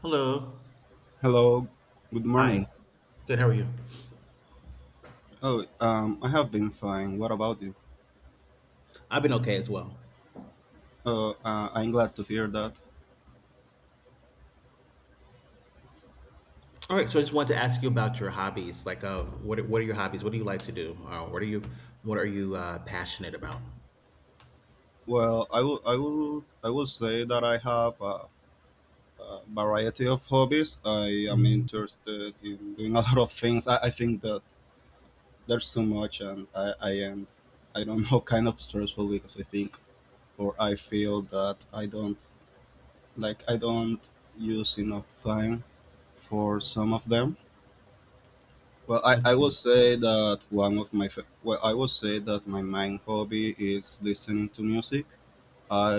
Hello. Hello, good Hi. morning. Good. How are you? Oh, I have been fine. What about you? I've been okay as well. Oh, I'm glad to hear that. All right. So I just wanted to ask you about your hobbies. Like, what are your hobbies? What do you like to do? What are you passionate about? Well, I will say that I have a variety of hobbies. I am Mhm. interested in doing a lot of things. I think that there's so much, and I am, I don't know, kind of stressful because I think or I feel that I don't use enough time for some of them. Well, I will Okay. say that one of my fa- well, I will say that my main hobby is listening to music.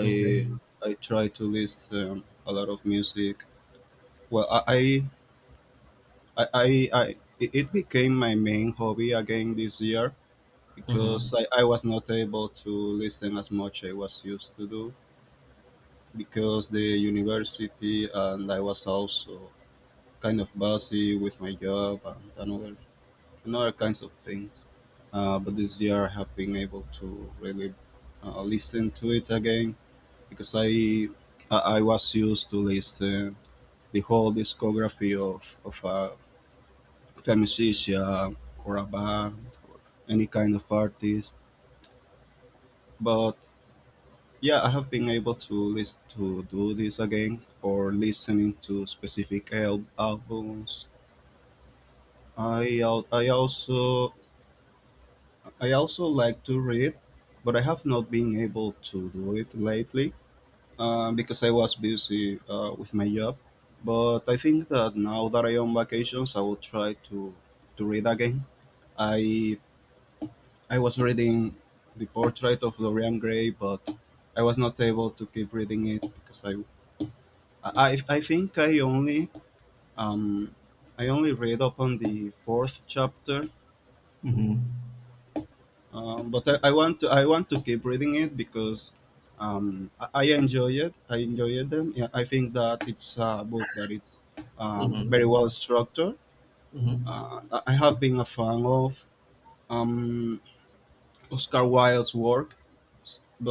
Okay. I try to listen a lot of music. Well, it became my main hobby again this year Mm-hmm. because I was not able to listen as much I was used to do because the university, and I was also kind of busy with my job and another and other kinds of things. But this year I have been able to really listen to it again because I was used to listen the whole discography of a musician or a band or any kind of artist. But yeah, I have been able to listen to do this again, or listening to specific albums. I al- I also I also like to read, but I have not been able to do it lately because I was busy with my job. But I think that now that I am on vacations, I will try to read again. I I was reading the Portrait of Dorian Gray, but I was not able to keep reading it because I think um, I only read up on the fourth chapter. Mm-hmm. But I want to I want to keep reading it because I enjoy it. I enjoyed them. Yeah, I think that it's a book that it's very well Mm-hmm. structured. Mm-hmm. I have been a fan of um, Oscar Wilde's work,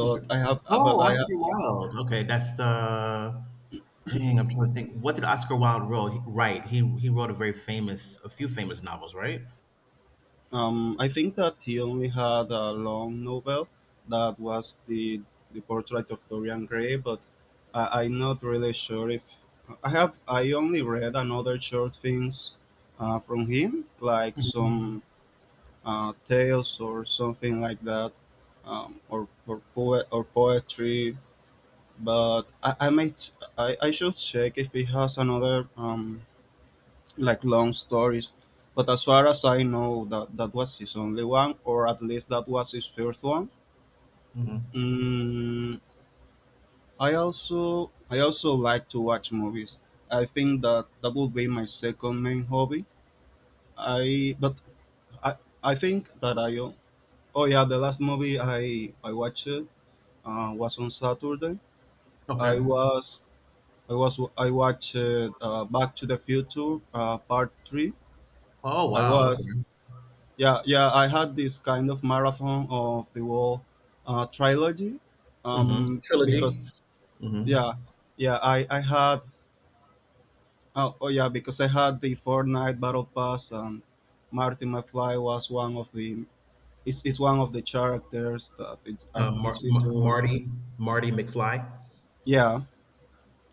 Okay. I have Oh, but Oscar Wilde. Okay, that's dang. I'm trying to think. What did Oscar Wilde wrote? Right. He wrote a few famous novels, right? I think that he only had a long novel, that was the Portrait of Dorian Gray, but I'm not really sure if I have. I only read another short things from him, like Mm-hmm. some tales or something like that, or poet or poetry. But I should check if he has another like long stories. But as far as I know, that was his only one, or at least that was his first one. Mm-hmm. Mm, I also like to watch movies. I think that that would be my second main hobby. I but I I think that I o- oh yeah the last movie I watched was on Saturday. I Okay. was I watched Back to the Future Part Three. Oh I wow. was Okay. Yeah, yeah, I had this kind of marathon of the whole trilogy, Mm-hmm. Trilogy. because Mhm. yeah, yeah, I had oh yeah because I had the Fortnite Battle Pass, and Marty McFly was one of the characters that it, Uh, Mar- it's it Mar- Marty Marty McFly. yeah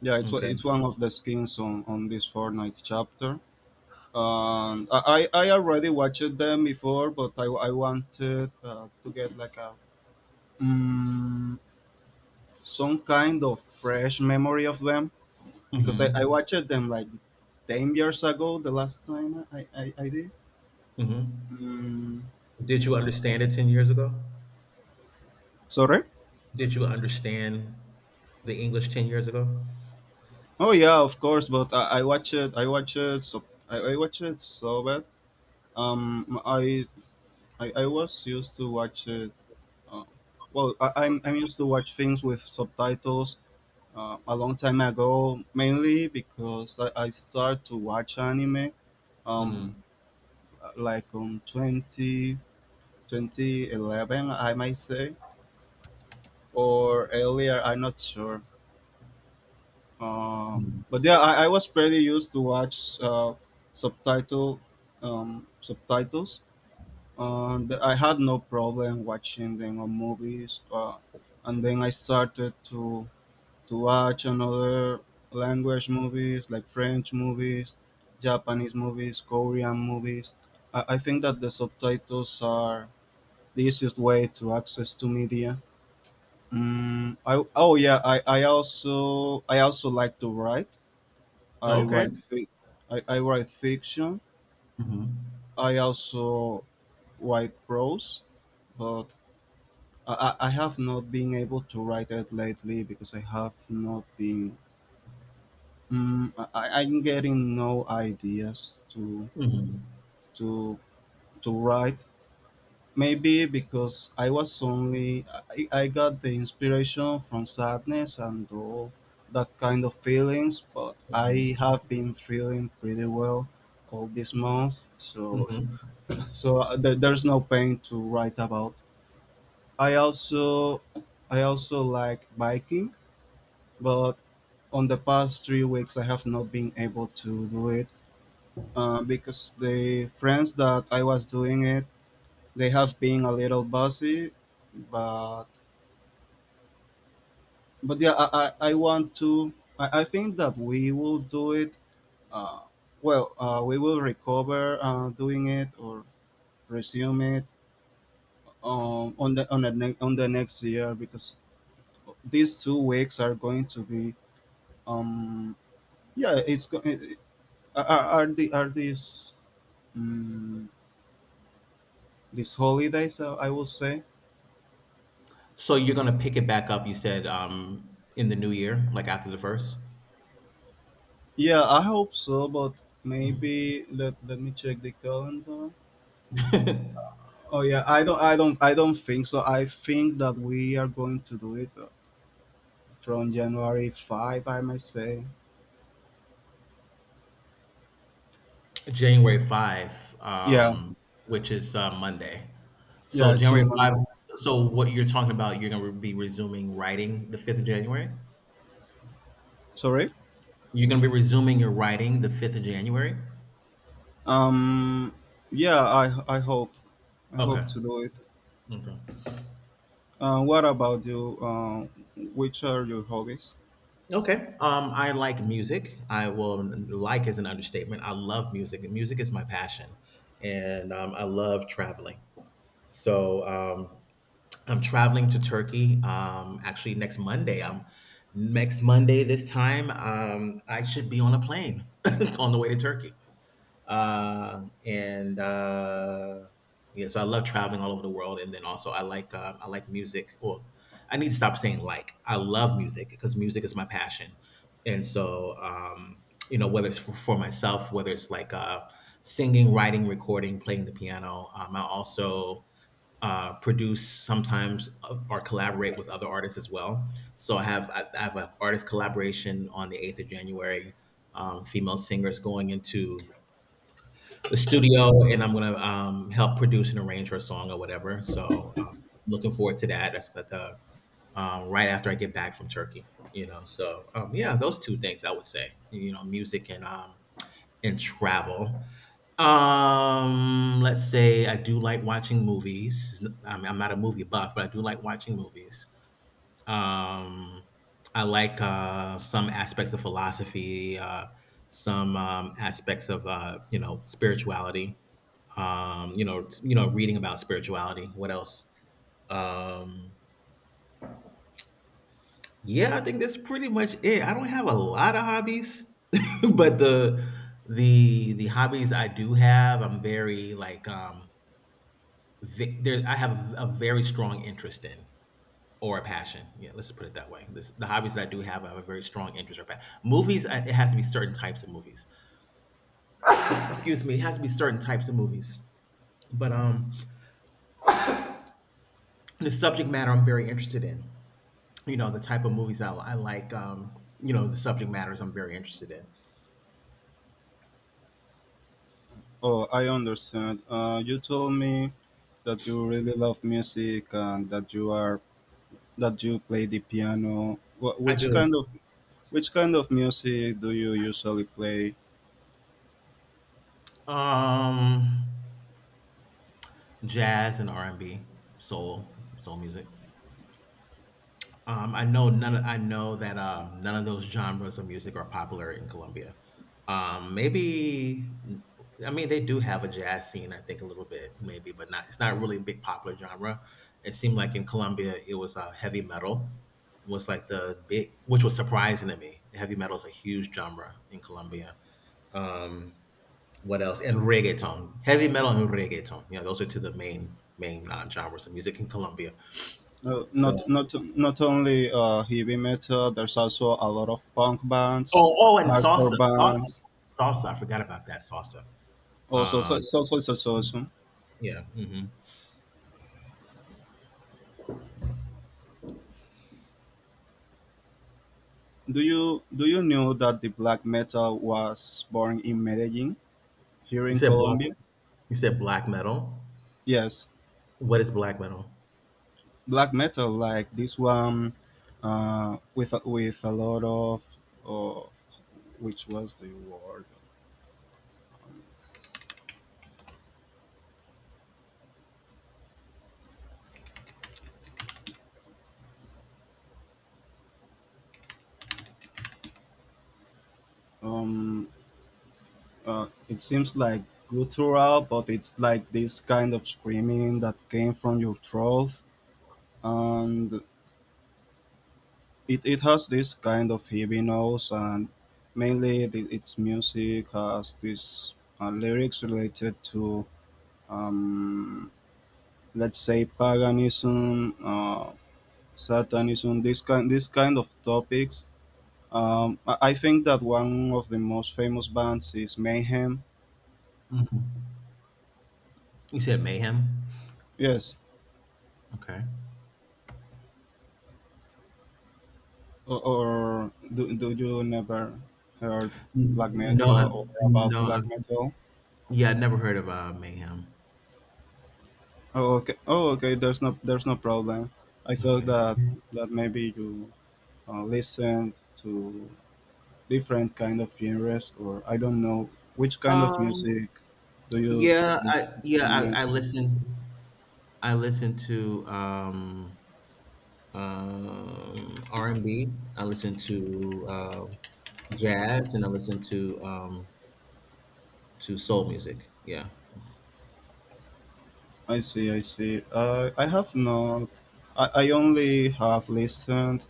Okay. it's one of the skins on this Fortnite chapter. I already watched them before, but I wanted to get Mm, some kind of fresh memory of them because I, Mhm. I watched them like 10 years ago, the last time I did. Mhm. Mm, Did you understand it 10 years ago? Sorry? Did you understand the English 10 years ago? Oh yeah, of course, but so I watched it so bad. Um, I, I was used to watch it. Uh, well, I'm used to watch things with subtitles a long time ago, mainly because I started to watch anime um, Mhm. like on 20 2011, I might say, or earlier. I'm not sure. Uh, Mhm. but yeah, I was pretty used to watch subtitle subtitles. And I had no problem watching them on movies. And then I started to watch another language movies, like French movies, Japanese movies, Korean movies. I think that the subtitles are the easiest way to access to media. Mm, I Oh yeah, I also like to write. I Okay. write fic, I write fiction. Mhm. I also write prose, but I have not been able to write it lately because I have not been. I'm getting no ideas Mhm. to to write. Maybe because I was only, I got the inspiration from sadness and all that kind of feelings, but I Mhm. have been feeling pretty well all this month, so Mhm. There's no pain to write about. I also I also like biking, but on the past 3 weeks I have not been able to do it because the friends that I was doing it, they have been a little busy, but yeah, I want to. I think that we will do it. Uh, well, we will recover doing it, or resume it on the next year, because these 2 weeks are going to be. Um, yeah, it's going. Are the are these um, holidays? I will say. So you're gonna pick it back up, you said, in the new year, like after the first? Yeah, I hope so, but maybe let me check the calendar. Oh yeah, I don't think so. I think that we are going to do it from January 5, I might say. January 5, Yeah, which is, Monday. yeah, So it's a January Monday. 5 so what you're talking about, you're gonna be resuming writing the 5th of January? Sorry. You're gonna be resuming your writing the 5th of January? Um, yeah, I hope Okay. to do it. Okay. What about you? Which are your hobbies? Okay. I like music. I will Like is an understatement. I love music, music is my passion, and I love traveling. So, I'm traveling to Turkey. Actually, next Monday. Next Monday this time, I should be on a plane on the way to Turkey. And yeah, so I love traveling all over the world, and then also I like music. Well, I need to stop saying like. I love music because music is my passion, and so you know whether it's for myself, whether it's like singing, writing, recording, playing the piano. I also produce sometimes or collaborate with other artists as well. So I have an artist collaboration on the 8th of January. Female singers going into the studio, and I'm gonna help produce and arrange her song or whatever. So looking forward to that. That's at the right after I get back from Turkey. You know, so yeah, those two things I would say. You know, music and travel. Let's say I do like watching movies. I mean, I'm not a movie buff, but I do like watching movies. Um, I like some aspects of philosophy, some aspects of you know spirituality. Reading about spirituality. What else? Um, yeah, I think that's pretty much it. I don't have a lot of hobbies, but the hobbies I do have, I'm very like ve- there I have a very strong interest in or a passion. Yeah, let's put it that way. The hobbies that I do have, I have a very strong interest or passion. Movies, it has to be certain types of movies. Excuse me, it has to be certain types of movies. But the subject matter I'm very interested in. You know, the type of movies I like. You know, the subject matters I'm very interested in. Oh, I understand. You told me that you really love music, and that you play the piano. I do. Which kind of music do you usually play? Um, Jazz and R and B, soul, soul music. I know that none of those genres of music are popular in Colombia. Maybe I mean they do have a jazz scene, I think a little bit maybe, but not, it's not really a big popular genre. It seemed like in Colombia it was heavy metal was like the big, which was surprising to me. Heavy metal is a huge genre in Colombia. Um, what else? And reggaeton. Heavy metal and reggaeton. You know, those are two of the main genres of music in Colombia. Uh, So. not not Not only heavy metal. There's also a lot of punk bands, Oh, oh, and hardcore salsa, salsa, bands, salsa. I forgot about that salsa. also Um, social association. yeah. Hmm. Do you know that the black metal was born in Medellin, here You in said black. Colombia? You said black metal. Yes, What is black metal? black metal like this one, with with a lot of, uh, which was the word, um, it seems like guttural, but it's like this kind of screaming that came from your throat, and it has this kind of heavy noise, and mainly its music has this lyrics related to, um, let's say, paganism, satanism, this kind of topics. I think that one of the most famous bands is Mayhem. Mhm. You said mayhem. Yes. Okay. Or Do you never heard black No, metal, or about no. Black metal? Yeah, I'd never heard of mayhem. Oh, okay. Oh, okay. There's no problem. I thought Okay. That maybe you listen to different kind of genres, or I don't know which kind of Um. music do you Yeah. listen I. to? Yeah. I listen to R and B. I listen to uh, jazz, and I listen to soul music. Yeah. I see, I see. I have not. I only have listened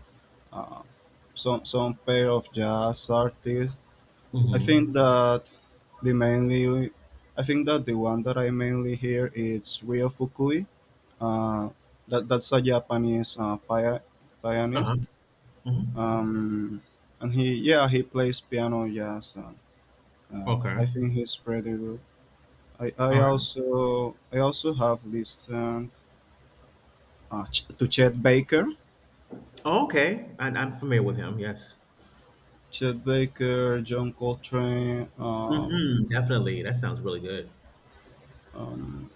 uh, some pair of jazz artists. I think Mm-hmm. that the mainly, I think that the one that I mainly hear is Ryo Fukui. Uh, that's a Japanese Uh-huh. pianist, Mm-hmm. um, and he plays piano jazz. Okay. I think he's pretty good. I, I All right. also I also have listened, to Chet Baker, Oh, okay. I'm familiar with him. Yes. Chet Baker, John Coltrane. Mm-hmm. Definitely. That sounds really good. um,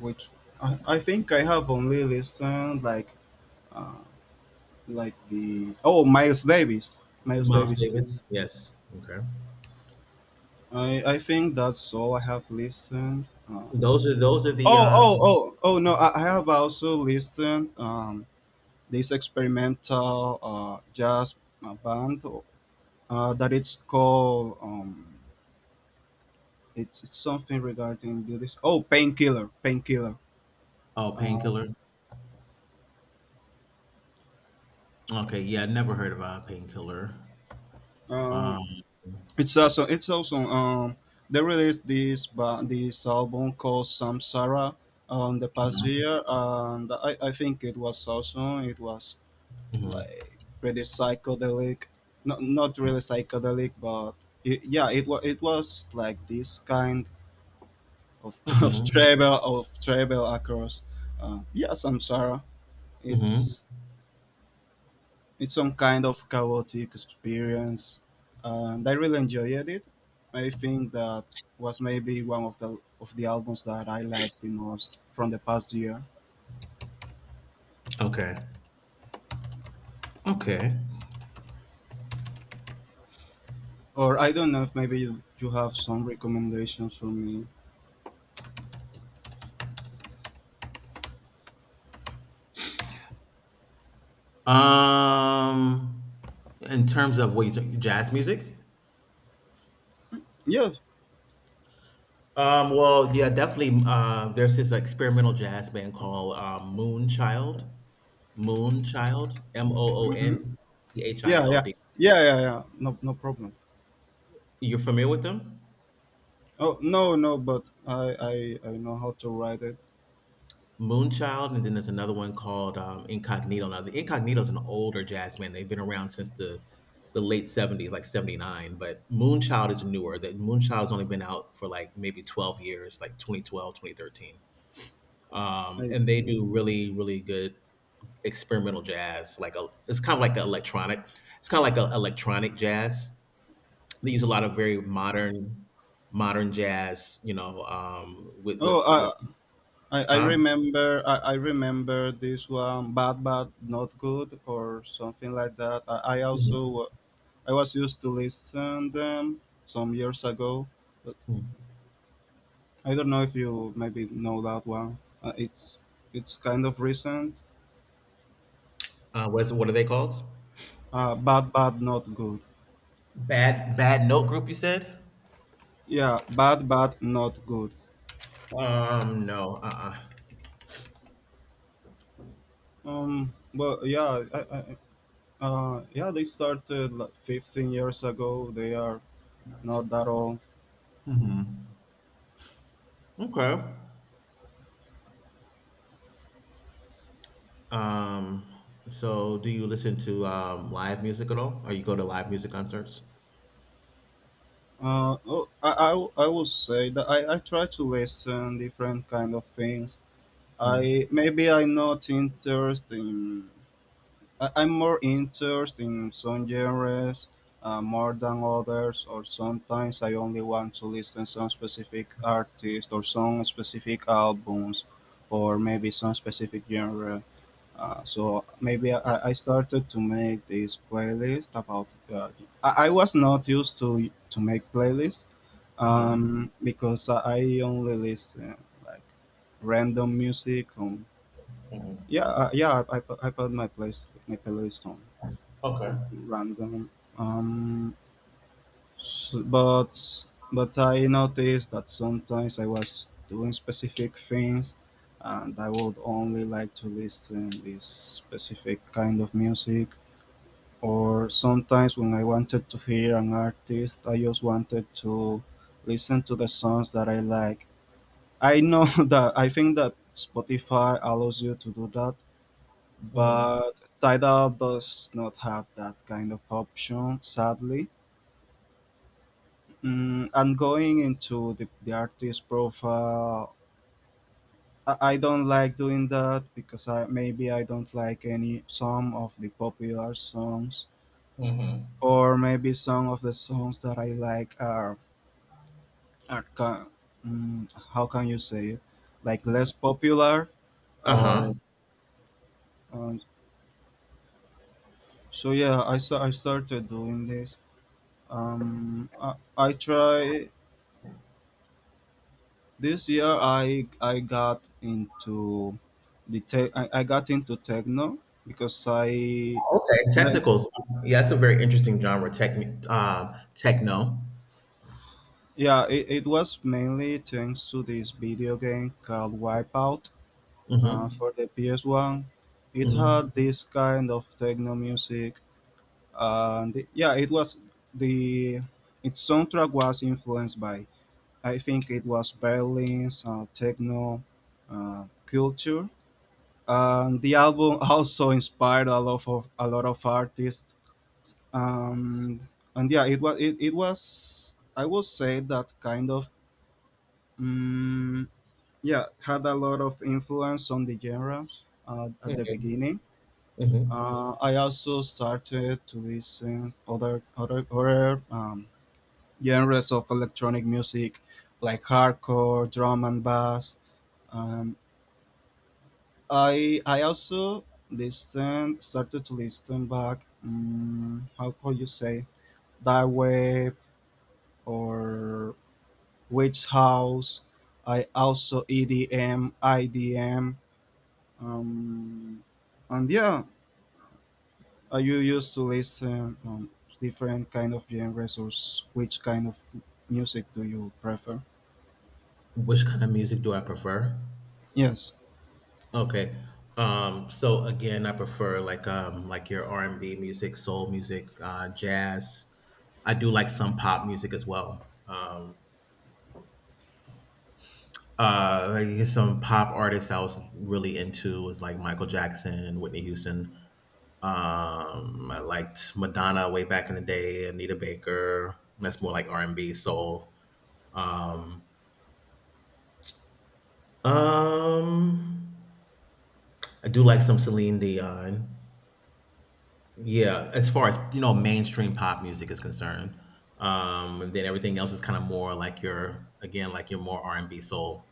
which I think I have only listened like, uh, the oh Miles Davis, Miles Miles Davis too. Davis. Yes. Okay. I think that's all I have listened. Those are the uh Oh no, I have also listened this experimental jazz band that it's called, it's something regarding this Painkiller Oh, uh, painkiller. Okay. Yeah. Never heard of painkiller. uh Um. It's also They released this album called Samsara on the past Mm-hmm. year, and I think it was awesome. It was like pretty psychedelic, not, not really psychedelic, but it was like this kind of, Mm-hmm. Of travel across yeah Samsara. Mm-hmm. It's it's some kind of chaotic experience, and I really enjoyed it. I think that was maybe one of the albums that I liked the most from the past year. Okay. Okay. Or I don't know if maybe you have some recommendations for me. Um. In terms of what you talk, jazz music. Yeah. Well, yeah, definitely. There's this experimental jazz band called Moonchild. Moonchild, M O O Hmm. N C H I Yeah, L yeah. D. Yeah, yeah, yeah. No, no problem. You're familiar with them? Oh, no, no, but I know how to write it. Moonchild, and then there's another one called Incognito. Now, the Incognito is an older jazz band. They've been around since the late 70s, like 79, but Moonchild is newer. That Moonchild's only been out for like maybe 12 years, like 2012, 2013. And Nice. they do really, really good experimental jazz, it's kind of like an electronic. It's kind of like an electronic jazz. They use a lot of very modern, modern jazz. You know, with oh i I, I huh? remember I, I remember this one, bad but not good, or something like that. I was used to listen them some years ago, but Mhm. I don't know if you maybe know that one. Uh, it's it's kind of recent. What are they called? Bad but not good. Bad bad note group. You said? Yeah, bad but not good. No. Well, yeah, they started like 15 years ago. They are not that old. uh hmm Okay. Um. So, do you listen to live music at all? Or you go to live music concerts? Uh, oh, I, I would say that I try to listen different kind of things. Mm-hmm. I maybe I'm not interested in. I'm more interested in some genres more than others, or sometimes I only want to listen some specific artist or some specific albums, or maybe some specific genre. So maybe I started to make this playlist about. I was not used to make playlists Mm-hmm. Because I only listen like random music. On yeah I put my place my playlist Okay. on random. Um, S- but but I noticed that sometimes I was doing specific things and I would only like to listen this specific kind of music, or sometimes when I wanted to hear an artist I just wanted to listen to the songs that I like. I know that I think that Spotify allows you to do that, Mm-hmm. but Tidal does not have that kind of option, sadly. And going into the artist profile, I don't like doing that because I maybe I don't like any some of the popular songs, Mm-hmm. or maybe some of the songs that I like are are ca- how can you say it, like less popular Uh huh. or um, so yeah I started doing this I try This year I got into the tech. I got into techno because I Okay, then- technicals. Yeah, that's a very interesting genre. Techno. yeah it was mainly thanks to this video game called Wipeout Mm-hmm. for the PS One. It had Mm-hmm. this kind of techno music, and yeah it was the its soundtrack was influenced by, I think it was Berlin's techno culture, and the album also inspired a lot of artists. Um, and yeah it was it was, I would say that kind of mm yeah, had a lot of influence on the genre at the Mm-hmm. beginning. Mm-hmm. I also started to listen other genres of electronic music like hardcore drum and bass. um, I also listen started to listen back. How could you say that, web or witch house? I also EDM, IDM, um, and yeah, I used to listen different kind of genres. Or which kind of music do you prefer? Which kind of music do I prefer? Yes. Okay. So again, I prefer like your R and B music, soul music, jazz. I do like some pop music as well. I Some pop artists I was really into was like Michael Jackson, Whitney Houston. I liked Madonna way back in the day, Anita Baker. That's more like R and B soul. Um, um, I do like some Celine Dion. Yeah, as far as mainstream pop music is concerned, and then everything else is kind of more like your, again, like your more R and B soul,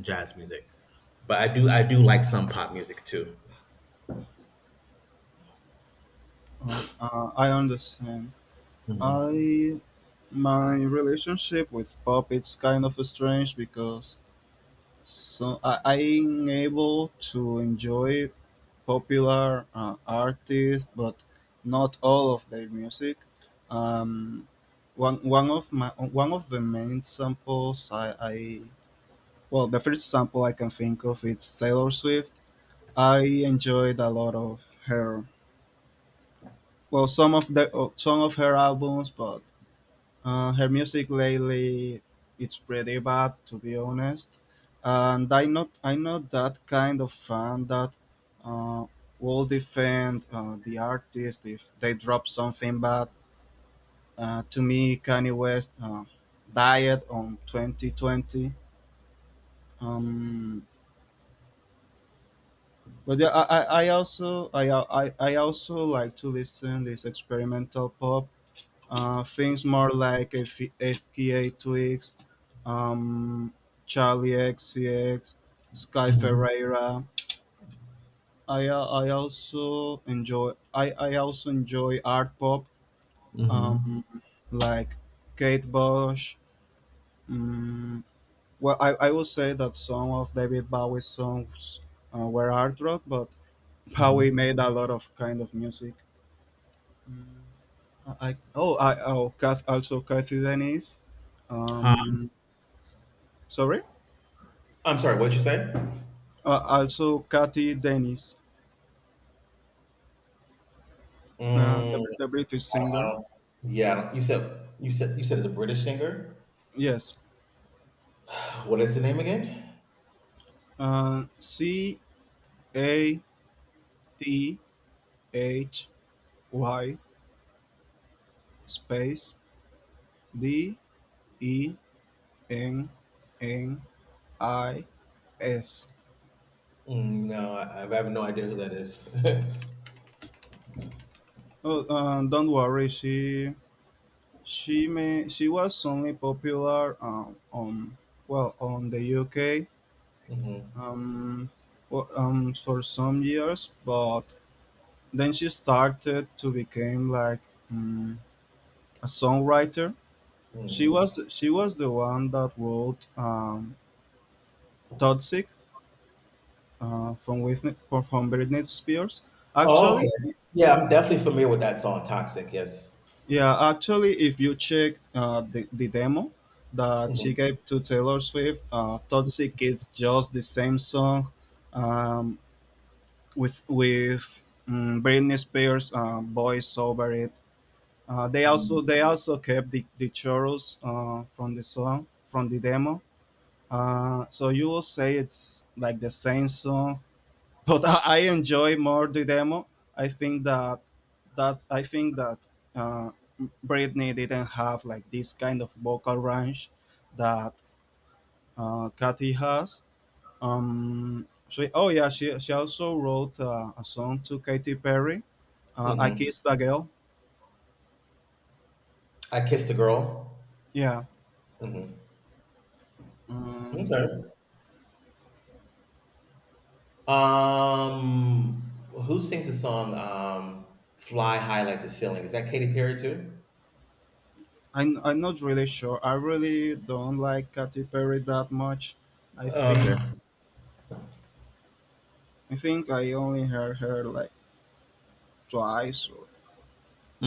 jazz music. But I do like some pop music too. I understand. Hmm. I My relationship with pop, it's kind of strange because so I'm able to enjoy popular artists, but not all of their music. Um, one one of my one of the main samples I well the first sample I can think of, it's Taylor Swift. I enjoyed a lot of her, well, some of the some of her albums, but her music lately, it's pretty bad to be honest, and I'm not that kind of fan that uh, will defend the artist if they drop something bad. To me, Kanye West died on 2020. Um, but yeah, I also like to listen this experimental pop things, more like FKA Twigs, um, Charlie XCX, Sky Hmm. Ferreira. I also enjoy I also enjoy art pop, Hmm. um, like Kate Bush. Um, I would say that some of David Bowie's songs were art rock, but Bowie Hmm. made a lot of kind of music. Mm, also, Kathy Denise. Huh? Um, Sorry. I'm sorry. What did you say? Also, Kathy Dennis, Mm, the British singer. Uh, yeah, you said it's a British singer. Yes. What is the name again? Cathy space Dennis. Mm, no, I have no idea who that is. Oh, don't worry. She was only popular on, well, on the UK Mhm. um, for some years, but then she started to become like mm, a songwriter. Mhm. She was the one that wrote "Toxic" from Whitney, from Britney Spears. Oh, okay. Actually, Yeah, I'm definitely familiar with that song, Toxic. Yes. yeah, actually, if you check the demo that she Hmm. gave to Taylor Swift, "Toxic" is just the same song um, with Britney Spears' voice over it. They also kept the chorus from the song from the demo. So you will say it's like the same song, but I enjoy more the demo. I think that I think that uh, Britney didn't have like this kind of vocal range that Kathy has. Oh yeah, she also wrote a song to Katy Perry. I Hmm. kissed a girl. I kissed a girl. Yeah. Hmm. Um, Okay. Who sings the song "Fly High Like the Ceiling"? Is that Katy Perry too? I'm not really sure. I really don't like Katy Perry that much. I Okay. think I think I only heard her like twice. Or,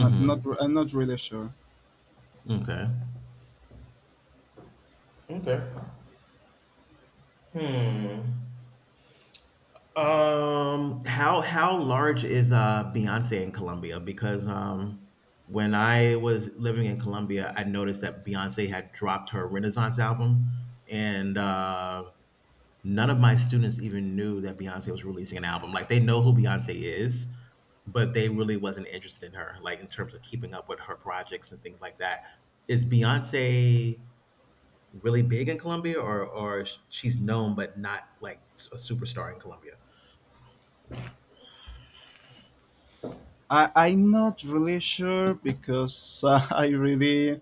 I'm not really sure. Okay. Okay. Hmm. How large is Beyonce in Colombia? Because when I was living in Colombia, I noticed that Beyonce had dropped her Renaissance album, and none of my students even knew that Beyonce was releasing an album. Like they know who Beyonce is, but they really wasn't interested in her, like in terms of keeping up with her projects and things like that. Is Beyonce really big in Colombia, or she's known but not like a superstar in Colombia? I'm not really sure because I really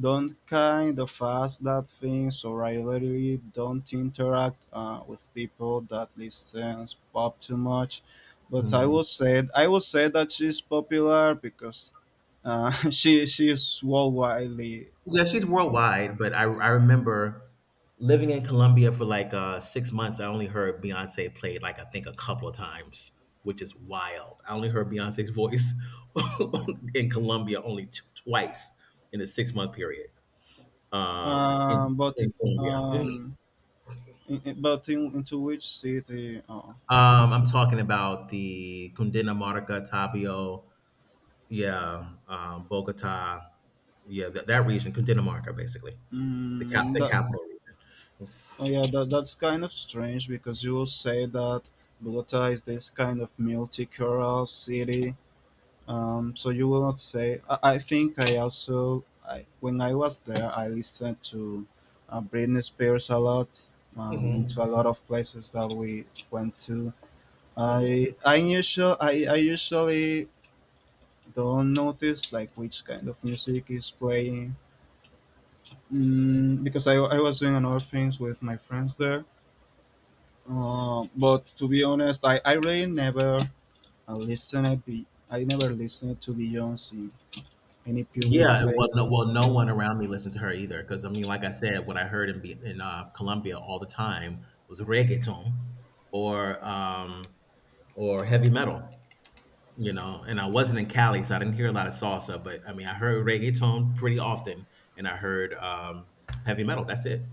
don't kind of ask that things, or I really don't interact with people that listens pop too much. But I will say that she's popular because she's worldwide. Yeah, she's worldwide, but I remember living in Colombia for like 6 months. I only heard Beyonce played like I think a couple of times, which is wild. I only heard Beyonce's voice in Colombia only twice in a 6-month period. Um, in, But in Colombia, um, in- but in, Into which city? Oh, I'm talking about the Cundinamarca, Tabio, yeah, Bogota, yeah, that region, Cundinamarca, basically mm, the that capital. Mhm. oh yeah, that, that's kind of strange because you will say that Bogota is this kind of multicultural city. So you will not say. I think I also I, When I was there, I listened to Britney Spears a lot. Into a lot of places that we went to. Mhm. I usually don't notice like which kind of music is playing, because I was doing another things with my friends there, but to be honest I really never I never listened to Beyonce in any public Yeah, well, no, places. well, no one around me listened to her either. Because I mean, like I said, what I heard in Colombia all the time was reggaeton or, um, or heavy metal, you know? And I wasn't in Cali, so I didn't hear a lot of salsa, but, I mean, I heard reggaeton pretty often, and I heard, heavy metal. That's it.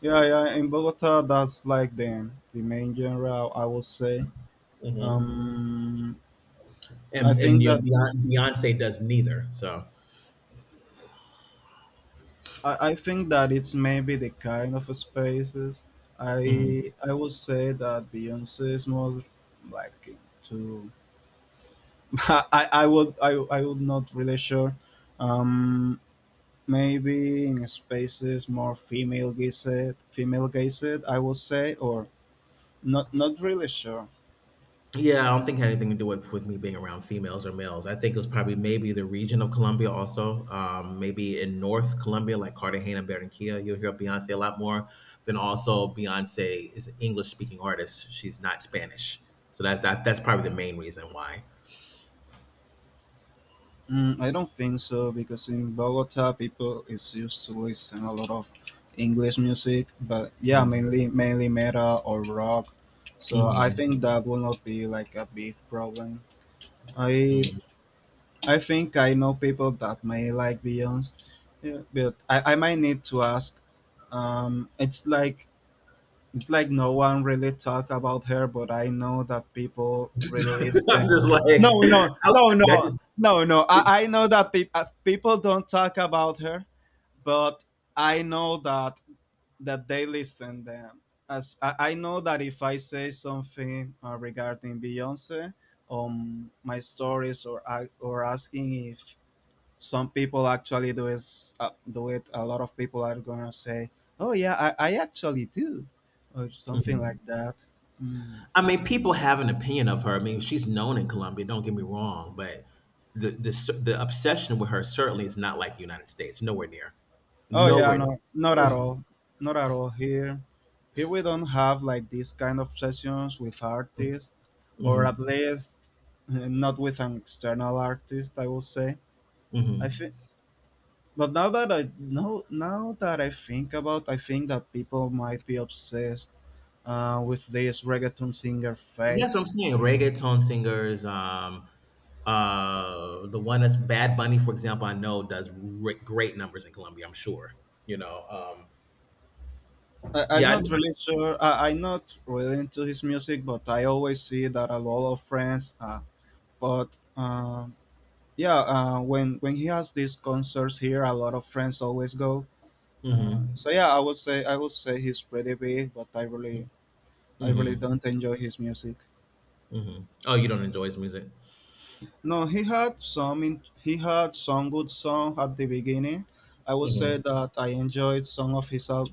Yeah, in Bogota that's like the main genre I would say. Mhm. um I and and think you know that Beyonce does neither. So. I think that it's maybe the kind of spaces. Mhm. I would say that Beyonce is more like to I would not, really sure. Um Maybe in spaces more female gazed, I would say, or not really sure. Yeah, I don't think it had anything to do with me being around females or males. I think it was probably maybe the region of Colombia also. Maybe in North Colombia, like Cartagena, Barranquilla, you'll hear Beyonce a lot more. Then also Beyonce is an English speaking artist. She's not Spanish, so that's probably the main reason why. I don't think so because in Bogota people is used to listen a lot of English music, but yeah, Mhm. Mainly metal or rock. So I Mhm. think that will not be like a big problem. I Mhm. I think I know people that may like Beyonce, yeah, but I might need to ask. Um, it's like it's like no one really talk about her, but I know that people really listen. I'm just like, No, no, no, that no, just. no, no. I know that people don't talk about her, but I know that they listen them. As I know that if I say something regarding Beyonce, my stories or asking if some people actually do is do it, a lot of people are gonna say, oh yeah, I actually do, or something like Mhm. that. mm. I mean, people have an opinion of her. I mean, she's known in Colombia. Don't get me wrong, but the obsession with her certainly is not like the United States. Nowhere near. Oh yeah, Nowhere near. no, not at all, not at all. Here we don't have like these kind of sessions with artists, or at Hmm. least not with an external artist I will say. Hmm. I think but now that I think about, I think that people might be obsessed with this reggaeton singer Fade. Yes, I'm seeing reggaeton singers. The one that's Bad Bunny, for example, I know does great numbers in Colombia. I'm sure. You know. I'm Yeah. Not really sure. I'm not really into his music, but I always see that a lot of friends. But Yeah, when he has these concerts here, a lot of friends always go. mm-hmm, So yeah, I would say he's pretty big, but I really mm-hmm, don't enjoy his music. mm-hmm. Oh, you don't enjoy his music. No, he had some good song at the beginning. I would say Mm-hmm. that I enjoyed some of his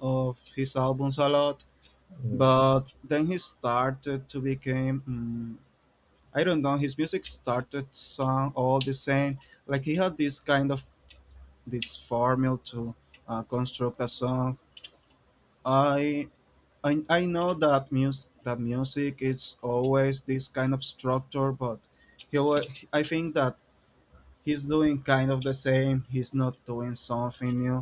of his albums a lot. Hmm. But then he started to become, I don't know, his music started sound all the same, like he had this kind of this formula to construct a song. i I know that music is always this kind of structure, but he wa- I think that he's doing kind of the same, he's not doing something new.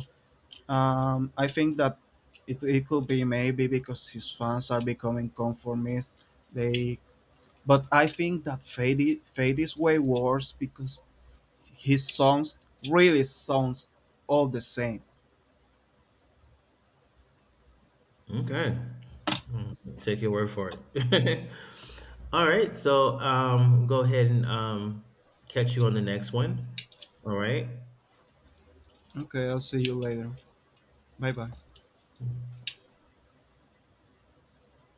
I think that it could be maybe because his fans are becoming conformist. They But I think that Fade is way worse because his songs really sounds all the same. Okay. Mm, take your word for it. All right. So go ahead and catch you on the next one. All right. Okay, I'll see you later. Bye bye.